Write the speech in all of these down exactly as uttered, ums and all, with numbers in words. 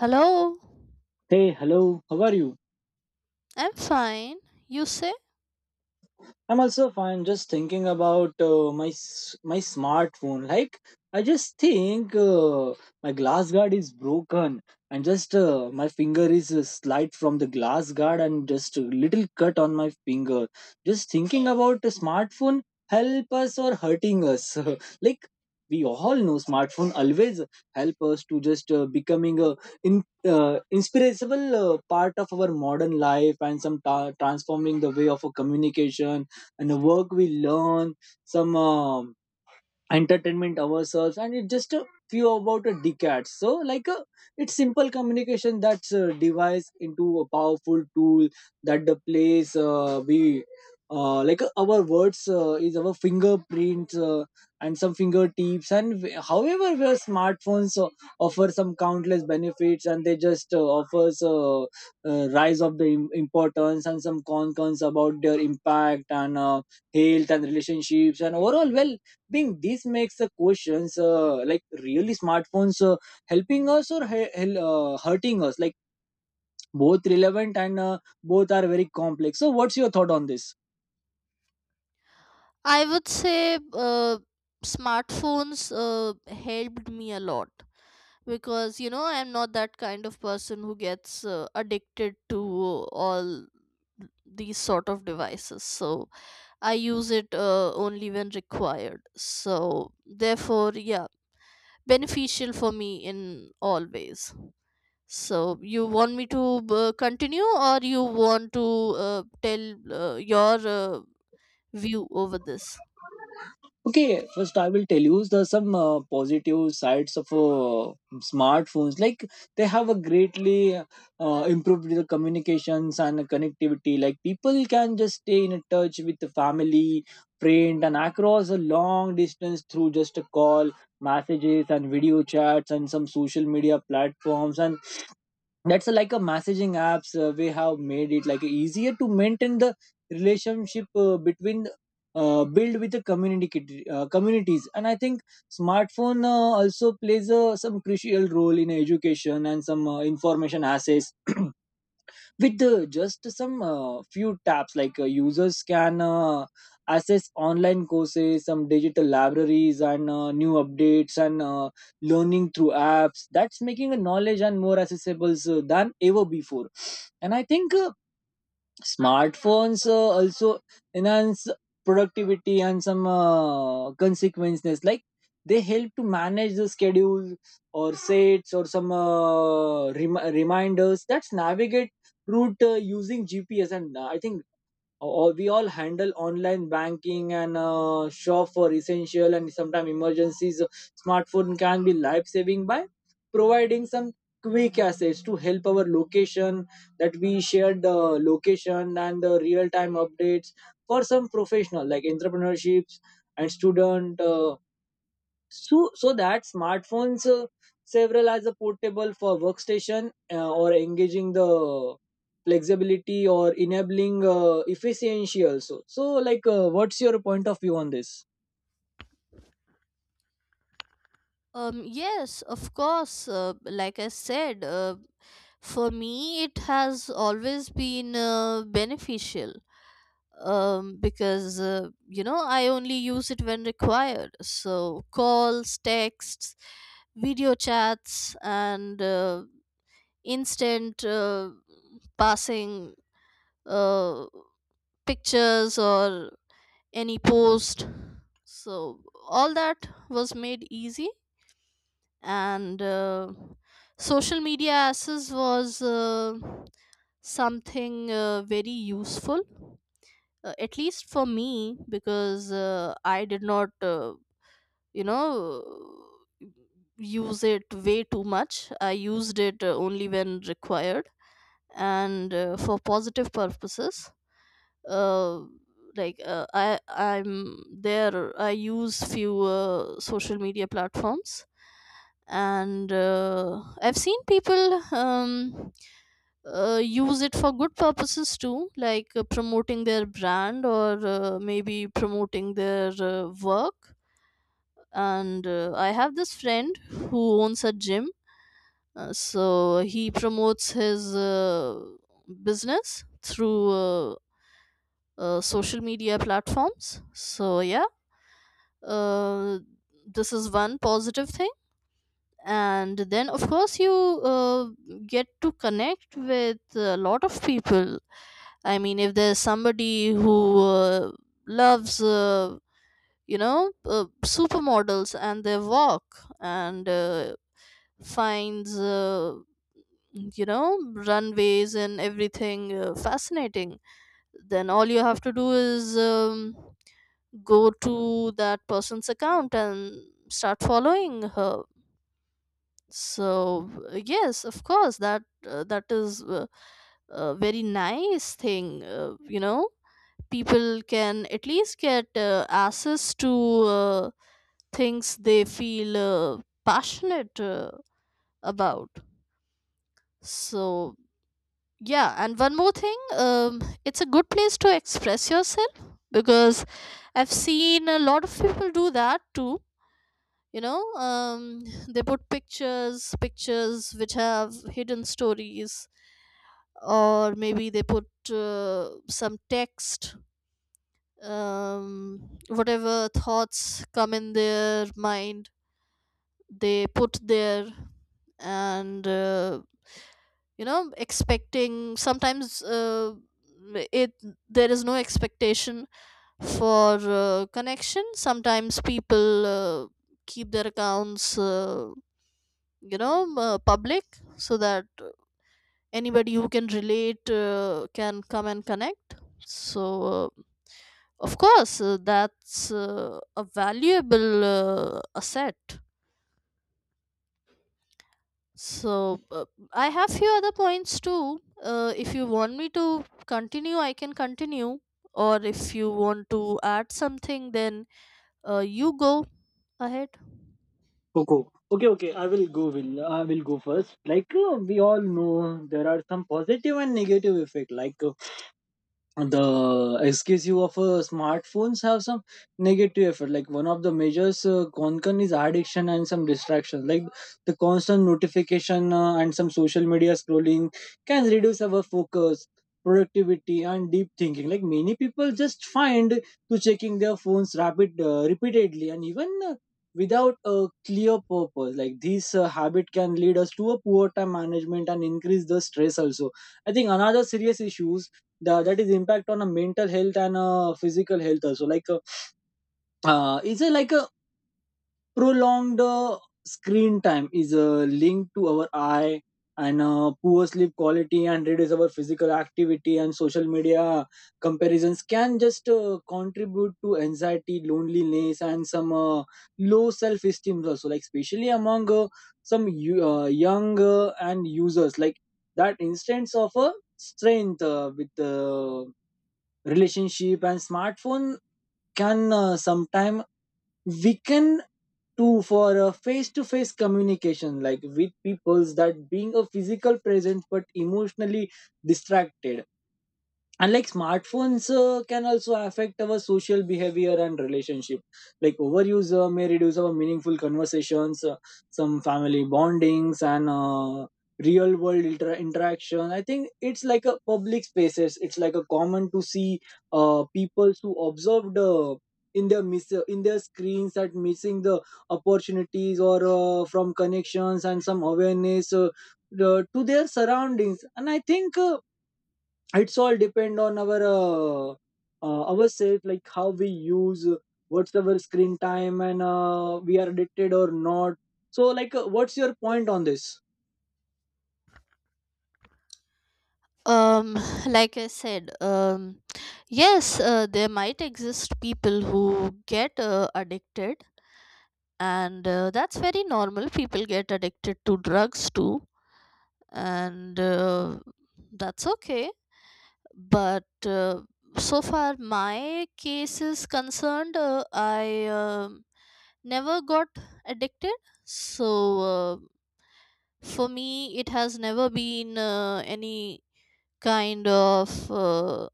Hello, Hey, hello, how are you? I'm fine. You say? I'm also fine. Just thinking about uh, my s- my smartphone. Like I just think uh, my glass guard is broken, and just uh, my finger is uh, slide from the glass guard, and just a little cut on my finger. Just thinking about a smartphone help us or hurting us. like we all know, smartphone always help us to just uh, becoming a in, uh, inspirable uh, part of our modern life, and some ta- transforming the way of a communication and the work we learn some um, entertainment ourselves and it's just a few about a decade so like a it's simple communication that's uh, devised into a powerful tool that the place uh, we uh, like uh, our words uh, is our fingerprints uh, and some fingertips and w- however where smartphones uh, offer some countless benefits and they just uh, offers uh, uh, rise of the im- importance and some concerns about their impact and uh, health and relationships and overall well. I think this makes the questions uh, like really smartphones uh, helping us or he- hel- uh, hurting us like both relevant and uh, both are very complex. So what's your thought on this? I would say uh, smartphones uh, helped me a lot because you know I'm not that kind of person who gets uh, addicted to all these sort of devices. So I use it uh, only when required. So therefore, yeah, beneficial for me in all ways. So you want me to uh, continue, or you want to uh, tell uh, your uh, view over this? Okay, first I will tell you the some uh, positive sides of uh, smartphones. Like they have a greatly uh, improved the communications and connectivity. Like people can just stay in a touch with the family, friend, and across a long distance through just a call, messages, and video chats, and some social media platforms. And that's a, like a messaging apps uh, we have made it like easier to maintain the relationship uh, between uh, build with the community kit- uh, communities. And I think smartphone uh, also plays uh, some crucial role in education and some uh, information access. With uh, just some uh, few taps like uh, users can uh, access online courses, some digital libraries and uh, new updates and uh, learning through apps, that's making a knowledge and more accessible so, than ever before. And I think uh, smartphones uh, also enhance productivity and some uh, consequences like they help to manage the schedule or sets or some uh, rem- reminders, that's navigate route uh, using GPS. And uh, I think or we all handle online banking and uh, shop for essential and sometimes emergencies smartphone can be life saving by providing some quick access to help our location, that we share the location and the real time updates for some professional like entrepreneurships and student uh, so, so that smartphones uh, several as a portable for workstation uh, or engaging the flexibility or enabling uh, efficiency also. So, like, uh, what's your point of view on this? Um, yes, of course. Uh, like I said, uh, for me, it has always been uh, beneficial um, because, uh, you know, I only use it when required. So, calls, texts, video chats, and uh, instant uh, passing uh, pictures or any post. So, all that was made easy and uh, social media access was uh, something uh, very useful uh, at least for me because uh, I did not uh, you know use it way too much. I used it uh, only when required and uh, for positive purposes, uh, like uh, i i'm there. I use few uh, social media platforms and uh, I've seen people um, uh, use it for good purposes too, like uh, promoting their brand or uh, maybe promoting their uh, work. And uh, I have this friend who owns a gym, uh, so he promotes his uh, business through uh, uh, social media platforms. So yeah, uh, this is one positive thing. And then of course you uh, get to connect with a lot of people. I mean, if there's somebody who uh, loves, uh, you know, uh, supermodels and their walk, and uh, finds, uh, you know, runways and everything uh, fascinating, then all you have to do is um, go to that person's account and start following her. So yes, of course that uh, that is uh, a very nice thing. Uh, you know, people can at least get uh, access to uh, things they feel uh, passionate uh, about. So yeah, and one more thing, um, it's a good place to express yourself because I've seen a lot of people do that too. You know, um, they put pictures pictures which have hidden stories, or maybe they put uh, some text, um, whatever thoughts come in their mind they put there. And uh, you know, expecting sometimes uh, it, there is no expectation for uh, connection. Sometimes people uh, keep their accounts, uh, you know, m- uh, public, so that uh, anybody who can relate uh, can come and connect. So uh, of course uh, that's uh, a valuable uh, asset. So uh, I have few other points too. Uh, if you want me to continue, I can continue, or if you want to add something, then uh, you go ahead. Coco. Okay, okay, I will go. Will I will go first. Like uh, we all know, there are some positive and negative effect. Like uh, the S K U of uh, smartphones have some negative effect. Like one of the majors uh, concern is addiction and some distractions. Like the constant notification uh, and some social media scrolling can reduce our focus, productivity, and deep thinking. Like many people just find to checking their phones rapid uh, repeatedly and even. Uh, without a clear purpose like this uh, habit can lead us to a poor time management and increase the stress also. I think another serious issues the, that is impact on a mental health and uh, physical health also like uh, uh, is it like a prolonged uh, screen time is uh, linked to our eye and uh, poor sleep quality and reduce our physical activity. And social media comparisons can just uh, contribute to anxiety, loneliness and some uh, low self esteem also, like especially among uh, some you, uh, young uh, and users, like that instance of a strength uh, with uh, relationship and smartphone can uh, sometime weaken to for a face-to-face communication like with peoples that being a physical presence but emotionally distracted. And like smartphones uh, can also affect our social behavior and relationship, like overuse uh, may reduce our meaningful conversations uh, some family bondings and uh, real world inter- interaction. I think it's like a public spaces, it's like a common to see uh, people who observed uh, in their miss uh, in their screens at missing the opportunities or uh, from connections and some awareness uh, the- to their surroundings. And I think uh, it's all depend on our uh, uh, ourselves, like how we use, what's our screen time and uh, we are addicted or not. So like uh, what's your point on this? um like I said, um yes, uh, there might exist people who get uh, addicted, and uh, that's very normal. People get addicted to drugs too, and uh, that's okay. But uh, so far my case is concerned, uh, I um never got addicted. So uh, for me, it has never been uh, any kind of uh,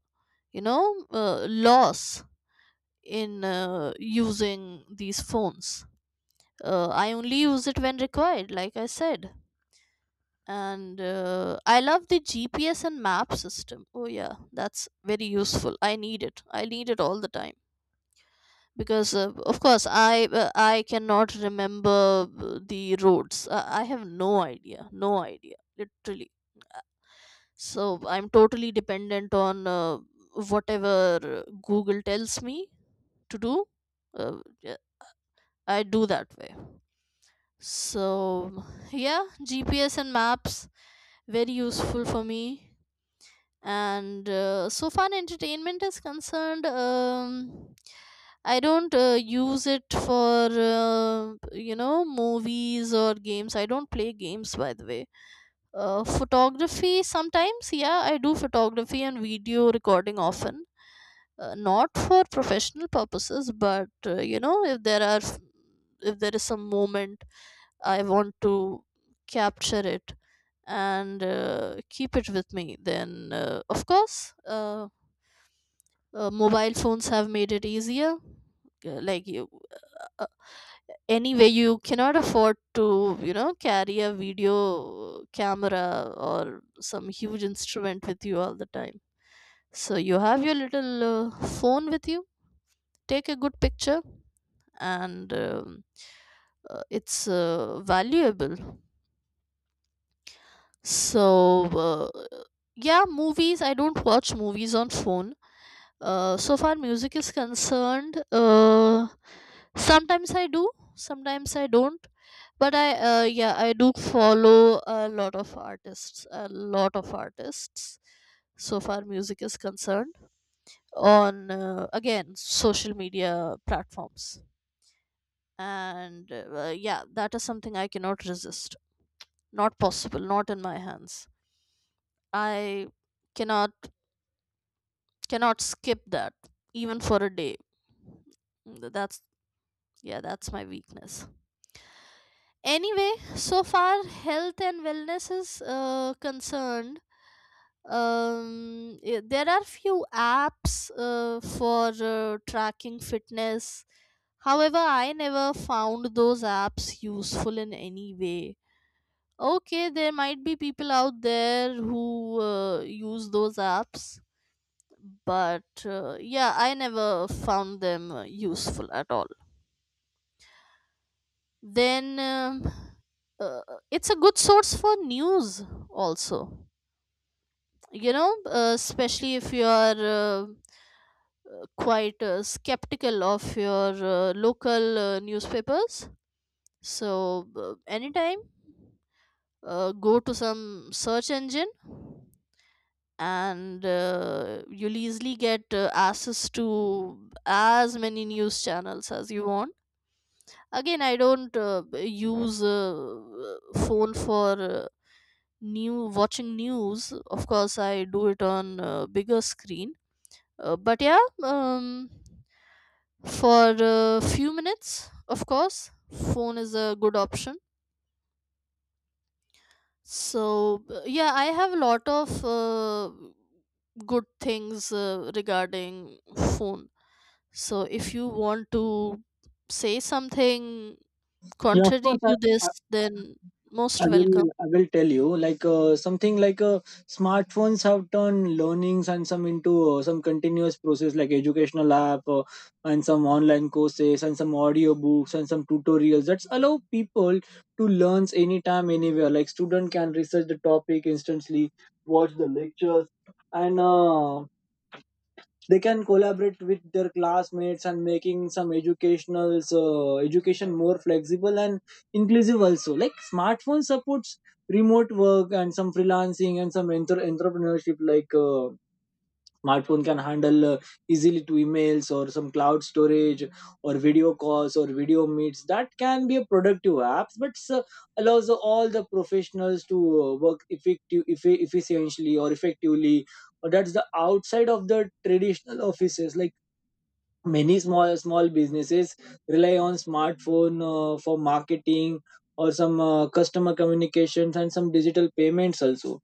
you know uh, loss in uh, using these phones. uh, I only use it when required, like I said. And uh, I love the GPS and map system. Oh yeah, that's very useful. I need it i need it All the time, because uh, of course i uh, i cannot remember uh, the roads. uh, I have no idea no idea literally. So I'm totally dependent on uh, whatever uh, Google tells me to do. uh, yeah, I do that way. So yeah, GPS and maps, very useful for me. And uh, so far entertainment is concerned, um, I don't uh, use it for uh, you know, movies or games. I don't play games, by the way. Uh, photography sometimes, yeah, I do photography and video recording often. Uh, not for professional purposes, but uh, you know, if there are if there is some moment I want to capture it and uh, keep it with me, then uh, of course, uh, uh, mobile phones have made it easier. Uh, like you uh, anyway, you cannot afford to, you know, carry a video camera or some huge instrument with you all the time. So you have your little uh, phone with you, take a good picture, and um, uh, it's uh, valuable. So uh, yeah, movies, I don't watch movies on phone. Uh, so far music is concerned, uh, sometimes I do, sometimes I don't. But I uh, yeah, I do follow a lot of artists, a lot of artists, so far music is concerned, on uh, again, social media platforms. And uh, yeah, that is something I cannot resist. Not possible, not in my hands. I cannot cannot skip that even for a day. Th- that's yeah, that's my weakness. Anyway, so far health and wellness is uh, concerned, um yeah, there are few apps uh, for uh, tracking fitness. However, I never found those apps useful in any way. Okay, there might be people out there who uh, use those apps, but uh, yeah, I never found them uh, useful at all. Then um, uh, it's a good source for news also. You know, uh, especially if you are uh, uh, quite uh, skeptical of your uh, local uh, newspapers. So uh, anytime uh, go to some search engine, and uh, you'll easily get uh, access to as many news channels as you want. Again, I don't uh, use uh, phone for uh, new watching news. Of course, I do it on uh, bigger screen. Uh, but yeah, um, for a few minutes, of course, phone is a good option. So, b- yeah, I have a lot of uh, good things uh, regarding phone. So, if you want to say something Yeah, of contrary course. to I, this, then I most will, welcome. I will tell you like uh, something like uh, smartphones have turned learnings and some into uh, some continuous process, like educational app uh, and some online courses and some audio books and some tutorials that allow people to learn anytime anywhere. Like student can research the topic instantly, watch the lectures and uh, they can collaborate with their classmates and making some educational uh, education more flexible and inclusive also. Like smartphone supports remote work and some freelancing and some enter entrepreneurship. Like uh, smartphone can handle uh, easily to emails or some cloud storage or video calls or video meets that can be a productive app but uh, allows all the professionals to uh, work effective effi- efficiently or effectively or that's the outside of the traditional offices. Like many small small businesses rely on smartphone uh, for marketing or some uh, customer communications and some digital payments also.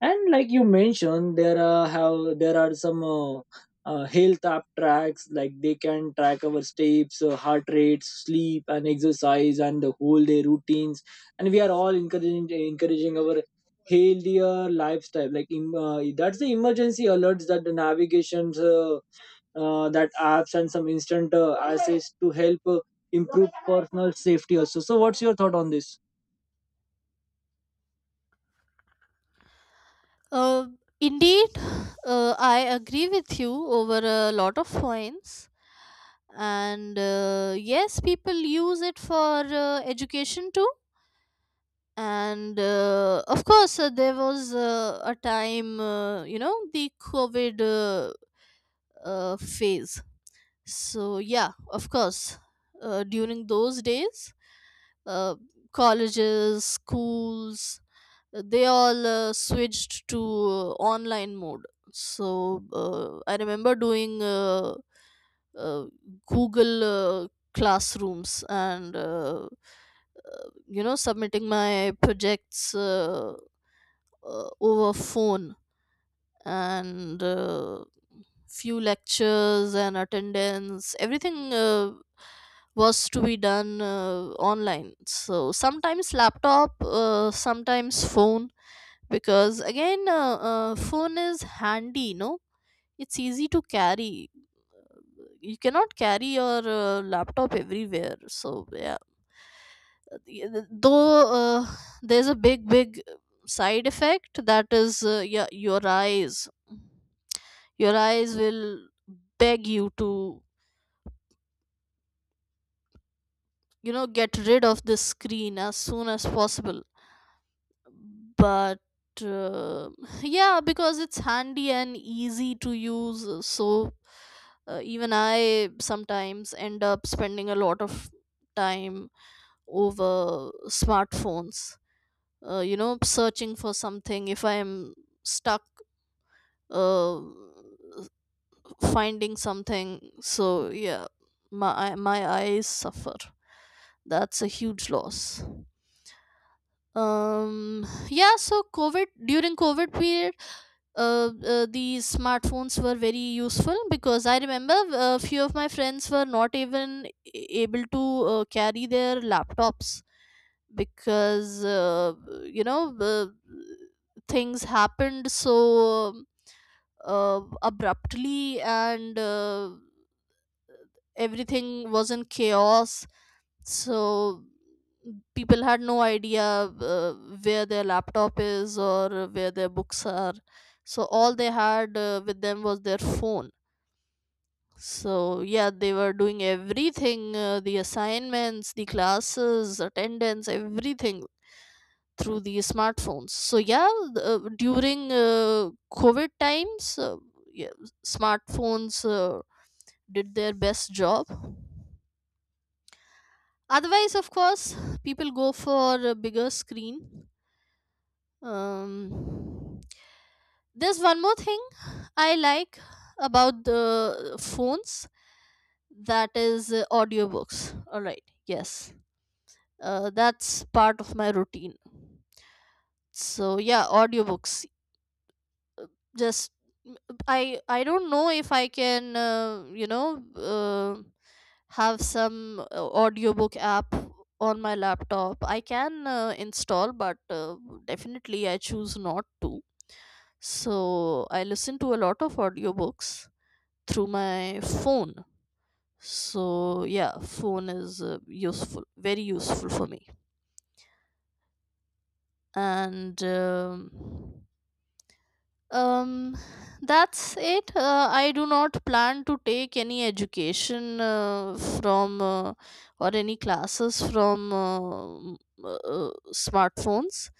And like you mentioned there are have there are some uh, uh, health app tracks, like they can track our steps uh, heart rates, sleep and exercise and the whole day routines. And we are all encouraging encouraging our healthier lifestyle, like im uh, that's the emergency alerts, that the navigations uh, uh, that apps and some instant uh, access to help uh, improve personal safety also. So what's your thought on this? Uh, Indeed, uh, I agree with you over a lot of points. And uh, yes, people use it for uh, education too. And uh, of course uh, there was uh, a time, uh, you know, the COVID uh, uh, phase. So yeah, of course uh, during those days, uh, colleges, schools, uh, they all uh, switched to uh, online mode. So uh, I remember doing uh, uh, Google uh, classrooms, and uh, you know, submitting my projects uh, uh, over phone. And uh, few lectures and attendance, everything uh, was to be done uh, online. So sometimes laptop, uh, sometimes phone, because again uh, uh, phone is handy, no? It's easy to carry. You cannot carry your uh, laptop everywhere, so yeah. Uh, though uh, there's a big big side effect, that is uh, yeah, your eyes. Your eyes will beg you to, you know, get rid of this screen as soon as possible. But uh, yeah, because it's handy and easy to use, uh, so uh, even I sometimes end up spending a lot of time over smartphones. Uh, you know, searching for something, if I am stuck, uh, finding something. So yeah, my my eyes suffer. That's a huge loss. Um, yeah. So COVID, during COVID period, uh, uh, these smartphones were very useful because I remember a few of my friends were not even a- able to uh, carry their laptops, because uh, you know, the things happened so uh, abruptly, and uh, everything was in chaos. So people had no idea uh, where their laptop is or where their books are. So all they had uh, with them was their phone. So yeah, they were doing everything, uh, the assignments, the classes, attendance, everything through these smartphones. So yeah, uh, during uh, COVID times, uh, yeah, smartphones uh, did their best job. Otherwise, of course, people go for a bigger screen. Um, there's one more thing I like about the phones, that is uh, audiobooks. All right, yes, uh, that's part of my routine. So yeah, audiobooks. Just i i don't know if I can, uh, you know, uh, have some uh, audiobook app on my laptop. I can uh, install, but uh, definitely I choose not to. So I listen to a lot of audiobooks through my phone. So yeah, phone is uh, useful, very useful for me. And um, Um, that's it. Uh, I do not plan to take any education uh, from uh, or any classes from uh, m- uh, smartphones,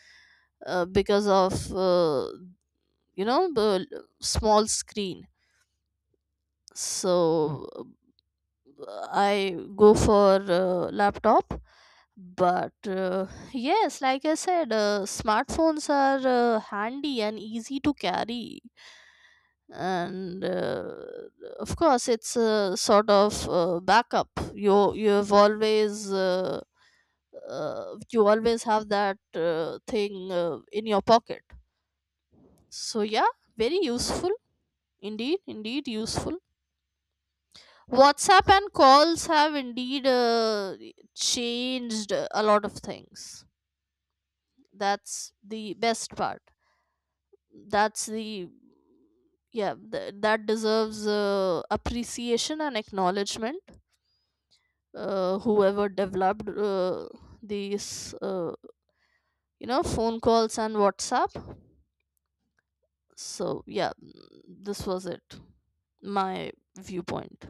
uh, because of uh, you know, the l- small screen. So uh, I go for uh, laptop. But uh, yes, like I said, uh, smartphones are uh, handy and easy to carry, and uh, of course it's a sort of uh, backup. You you've always uh, uh, you always have that uh, thing uh, in your pocket. So yeah, very useful, indeed indeed useful. WhatsApp and calls have indeed uh, changed a lot of things. That's the best part. That's the Yeah, th- that deserves uh, appreciation and acknowledgement. Uh, whoever developed uh, these, uh, you know, phone calls and WhatsApp, so yeah. Mm, this was it, my viewpoint.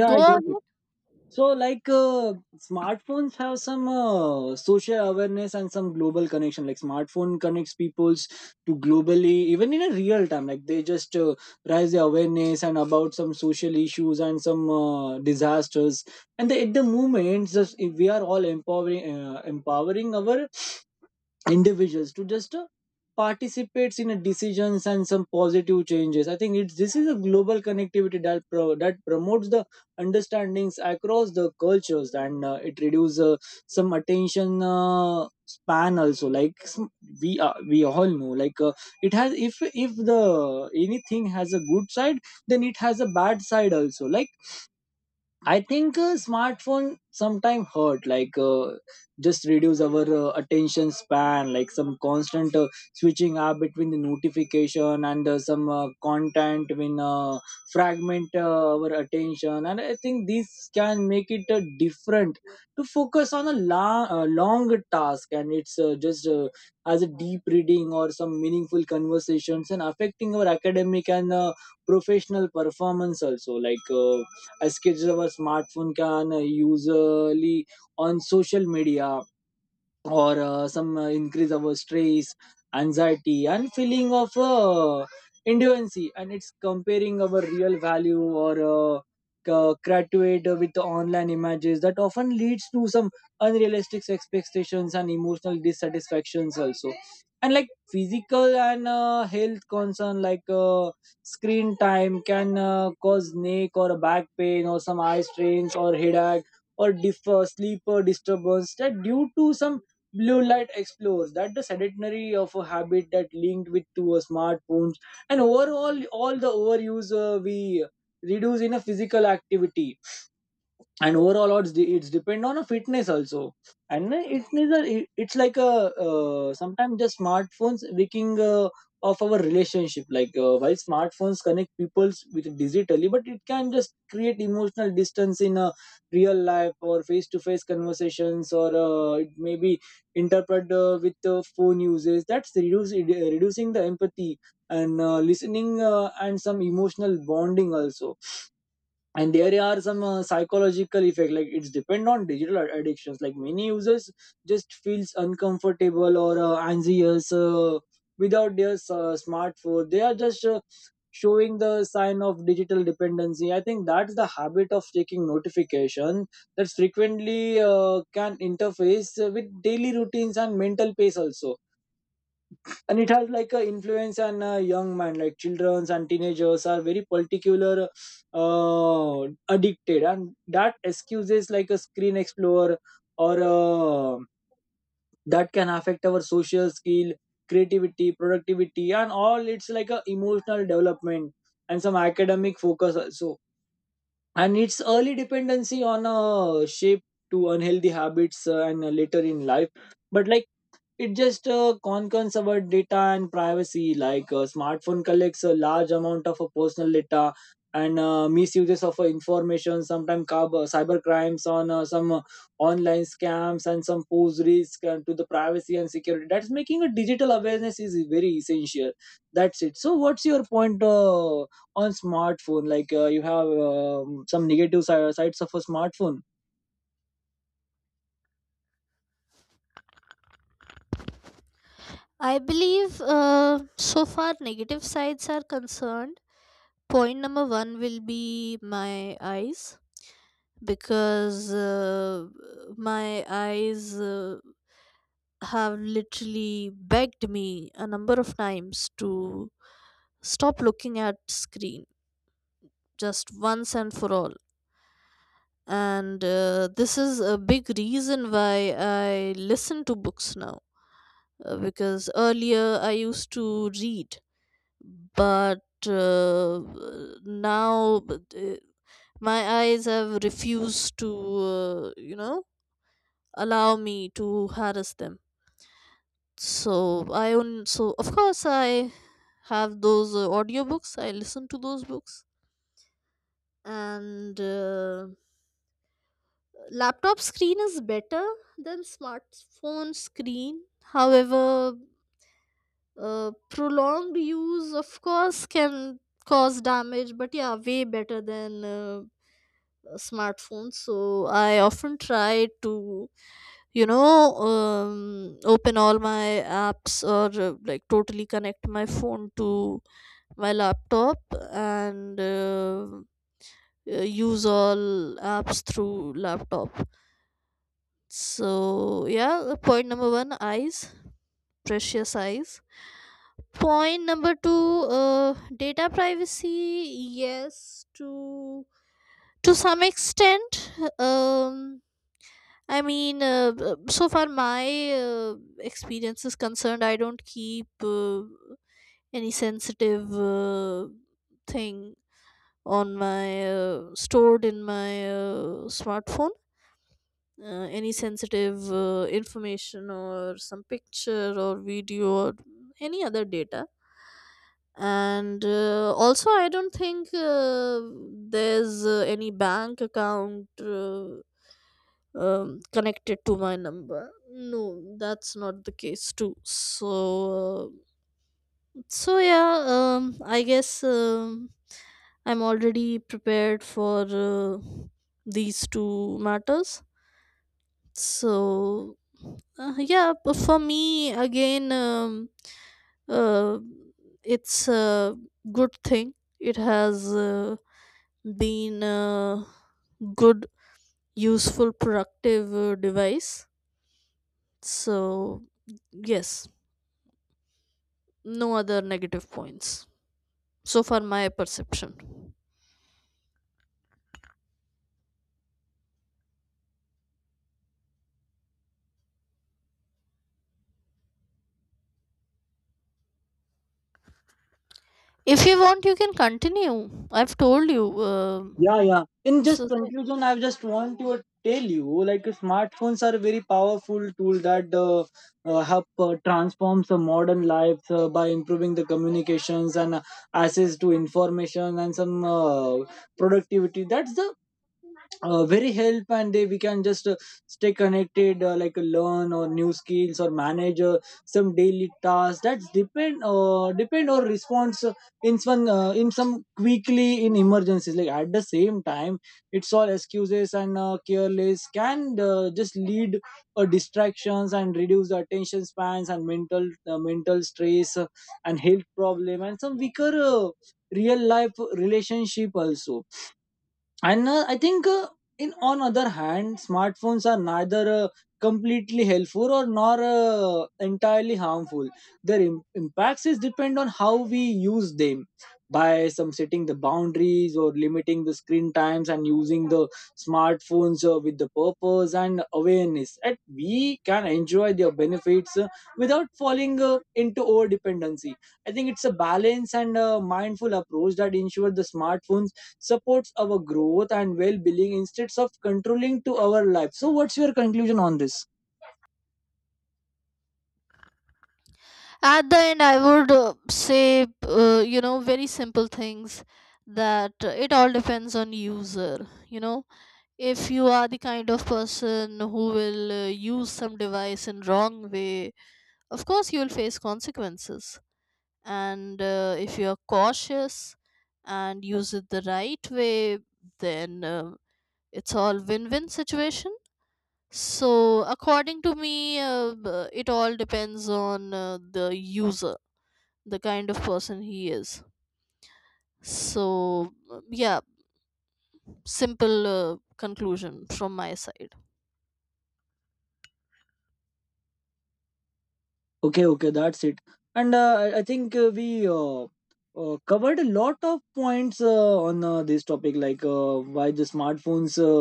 Yeah, Go I got ahead. it. So like uh, smartphones have some uh, social awareness and some global connection, like smartphone connects peoples to globally even in a real time, like they just uh, raise the awareness and about some social issues and some uh, disasters and the, at the moment just if we are all empowering uh, empowering our individuals to just uh, participates in a decisions and some positive changes. I think it's this is a global connectivity that pro, that promotes the understandings across the cultures. And uh, it reduces uh, some attention uh, span also like sm- we are, we all know like uh, it has if if the anything has a good side then it has a bad side also. Like I think uh, smartphone sometime hurt, like uh, just reduce our uh, attention span, like some constant uh, switching up between the notification and uh, some uh, content when uh, fragment uh, our attention. And I think this can make it uh, different to focus on a long, uh, long task, and it's uh, just uh, as a deep reading or some meaningful conversations and affecting our academic and uh, professional performance also, like. Uh, as kids, our smartphone can uh, usually on social media or uh, some uh, increase our stress, anxiety and feeling of uh, indigency. And it's comparing our real value or uh, c- graduate with the online images that often leads to some unrealistic expectations and emotional dissatisfactions also. And like physical and uh, health concern, like uh, screen time can uh, cause neck or back pain or some eye strains or headache or diff- uh, sleep uh, disturbance that due to some blue light explores, that the sedentary of a habit that linked with to a smartphones. And overall all the overuse uh, we reduce in a physical activity and overall odds de- it's depend on a fitness also. And then it is a it- it's like a uh, sometimes just smartphones wrecking uh, of our relationship, like uh, while smartphones connect peoples with digitally, but it can just create emotional distance in a real life or face to face conversations, or uh, it may be interpret uh, with uh, phone uses, that's reduce, reducing the empathy and uh, listening uh, and some emotional bonding also. And there are some uh, psychological effect like it's depend on digital ad- addictions. Like many users just feels uncomfortable or uh, anxious uh, without their uh, smartphone, they are just uh, showing the sign of digital dependency. I think that's the habit of checking notification that frequently uh, can interface with daily routines and mental pace also. And it has like an influence on uh, young man, like childrens and teenagers are very particular uh, addicted and that excuses like a screen explorer or uh, that can affect our social skill, creativity, productivity and all, it's like a emotional development and some academic focus also. And its early dependency on a shape to unhealthy habits uh, and uh, later in life. But like it just uh, concerns about data and privacy. Like a smartphone collects a large amount of uh, personal data and uh, misuses of uh, information. Sometimes cyber crimes on uh, some uh, online scams and some pose risk uh, to the privacy and security. That's making a digital awareness is very essential. That's it. So, what's your point uh, on smartphone? Like uh, you have um, some negative si- sides of a smartphone. I believe uh, so far negative sides are concerned, point number one will be my eyes, because uh, my eyes uh, have literally begged me a number of times to stop looking at screen, just once and for all. And uh, this is a big reason why I listen to books now, uh, because earlier I used to read. But uh, now uh, my eyes have refused to, uh, you know, allow me to harass them. So I own, so of course I have those uh, audiobooks. I listen to those books. And uh, laptop screen is better than smartphone screen. However, uh, prolonged use of course can cause damage, but yeah, way better than uh, a smartphone. So I often try to, you know, um, open all my apps, or uh, like totally connect my phone to my laptop and uh, uh, use all apps through laptop. So yeah, uh, point number one, eyes, precious eyes. Point number two, uh, data privacy, yes, to to some extent. um I mean, uh, uh, so far my uh, experience is concerned, I don't keep uh, any sensitive uh, thing on my uh, stored in my uh, smartphone, uh, any sensitive uh, information or some picture or video or any other data. And uh, also I don't think uh, there's uh, any bank account uh, um, connected to my number. No, that's not the case too. So uh, so yeah, um, I guess um, I'm already prepared for uh, these two matters. So uh, yeah, p- for me again, um, uh, it's a good thing. It has uh, been a good, useful, productive uh, device. So yes, no other negative points so far. My perception. If you want, you can continue. I've told you. Um Yeah, yeah. In this just was conclusion, I just want to tell you like smartphones are a very powerful tool that uh, uh, help uh, transforms the modern lives uh, by improving the communications and uh, access to information and some uh, productivity. That's the uh, very help and they we can just uh, stay connected uh, like uh, learn or new skills or manage uh, some daily tasks, that's depend uh, depend or response uh, in some uh, in some quickly in emergencies, like at the same time it's all excuses and uh, careless can uh, just lead uh, distractions and reduce the attention spans and mental uh, mental stress uh, and health problem and some weaker uh, real life relationship also. And uh, I think uh, in on other hand smartphones are neither uh, completely helpful or nor uh, entirely harmful, their Im- impacts is depend on how we use them. By some setting the boundaries or limiting the screen times and using the smartphones uh, with the purpose and awareness, and we can enjoy their benefits uh, without falling uh, into over dependency. I think it's a balance and uh mindful approach that ensure the smartphones supports our growth and well-being instead of controlling to our life. So what's your conclusion on this? At the end, I would uh, say, uh, you know, very simple things, that uh, it all depends on user. You know, if you are the kind of person who will uh, use some device in wrong way, of course you will face consequences. And uh, if you are cautious and use it the right way, then uh, it's all win-win situation. So according to me, uh, b- it all depends on uh, the user, the kind of person he is. So, uh, yeah, simple uh, conclusion from my side. Okay, okay, that's it. And uh, i I think uh, we uh, uh, covered a lot of points uh, on uh, this topic, like uh, why the smartphones uh,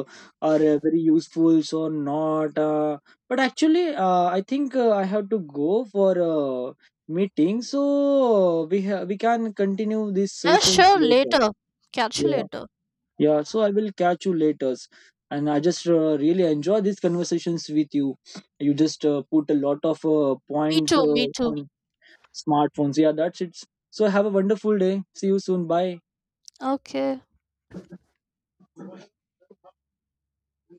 are uh, very useful so not uh, but actually uh, I think uh, I have to go for a meeting, so uh, we ha- we can continue this Yeah, session sure, later. later. Catch you Yeah. later. Yeah, so I will catch you later. And I just uh, really enjoy these conversations with you. You just uh, put a lot of uh, Me points too, me uh, too. on smartphones. Yeah, that's it. So have a wonderful day. See you soon. Bye. Okay.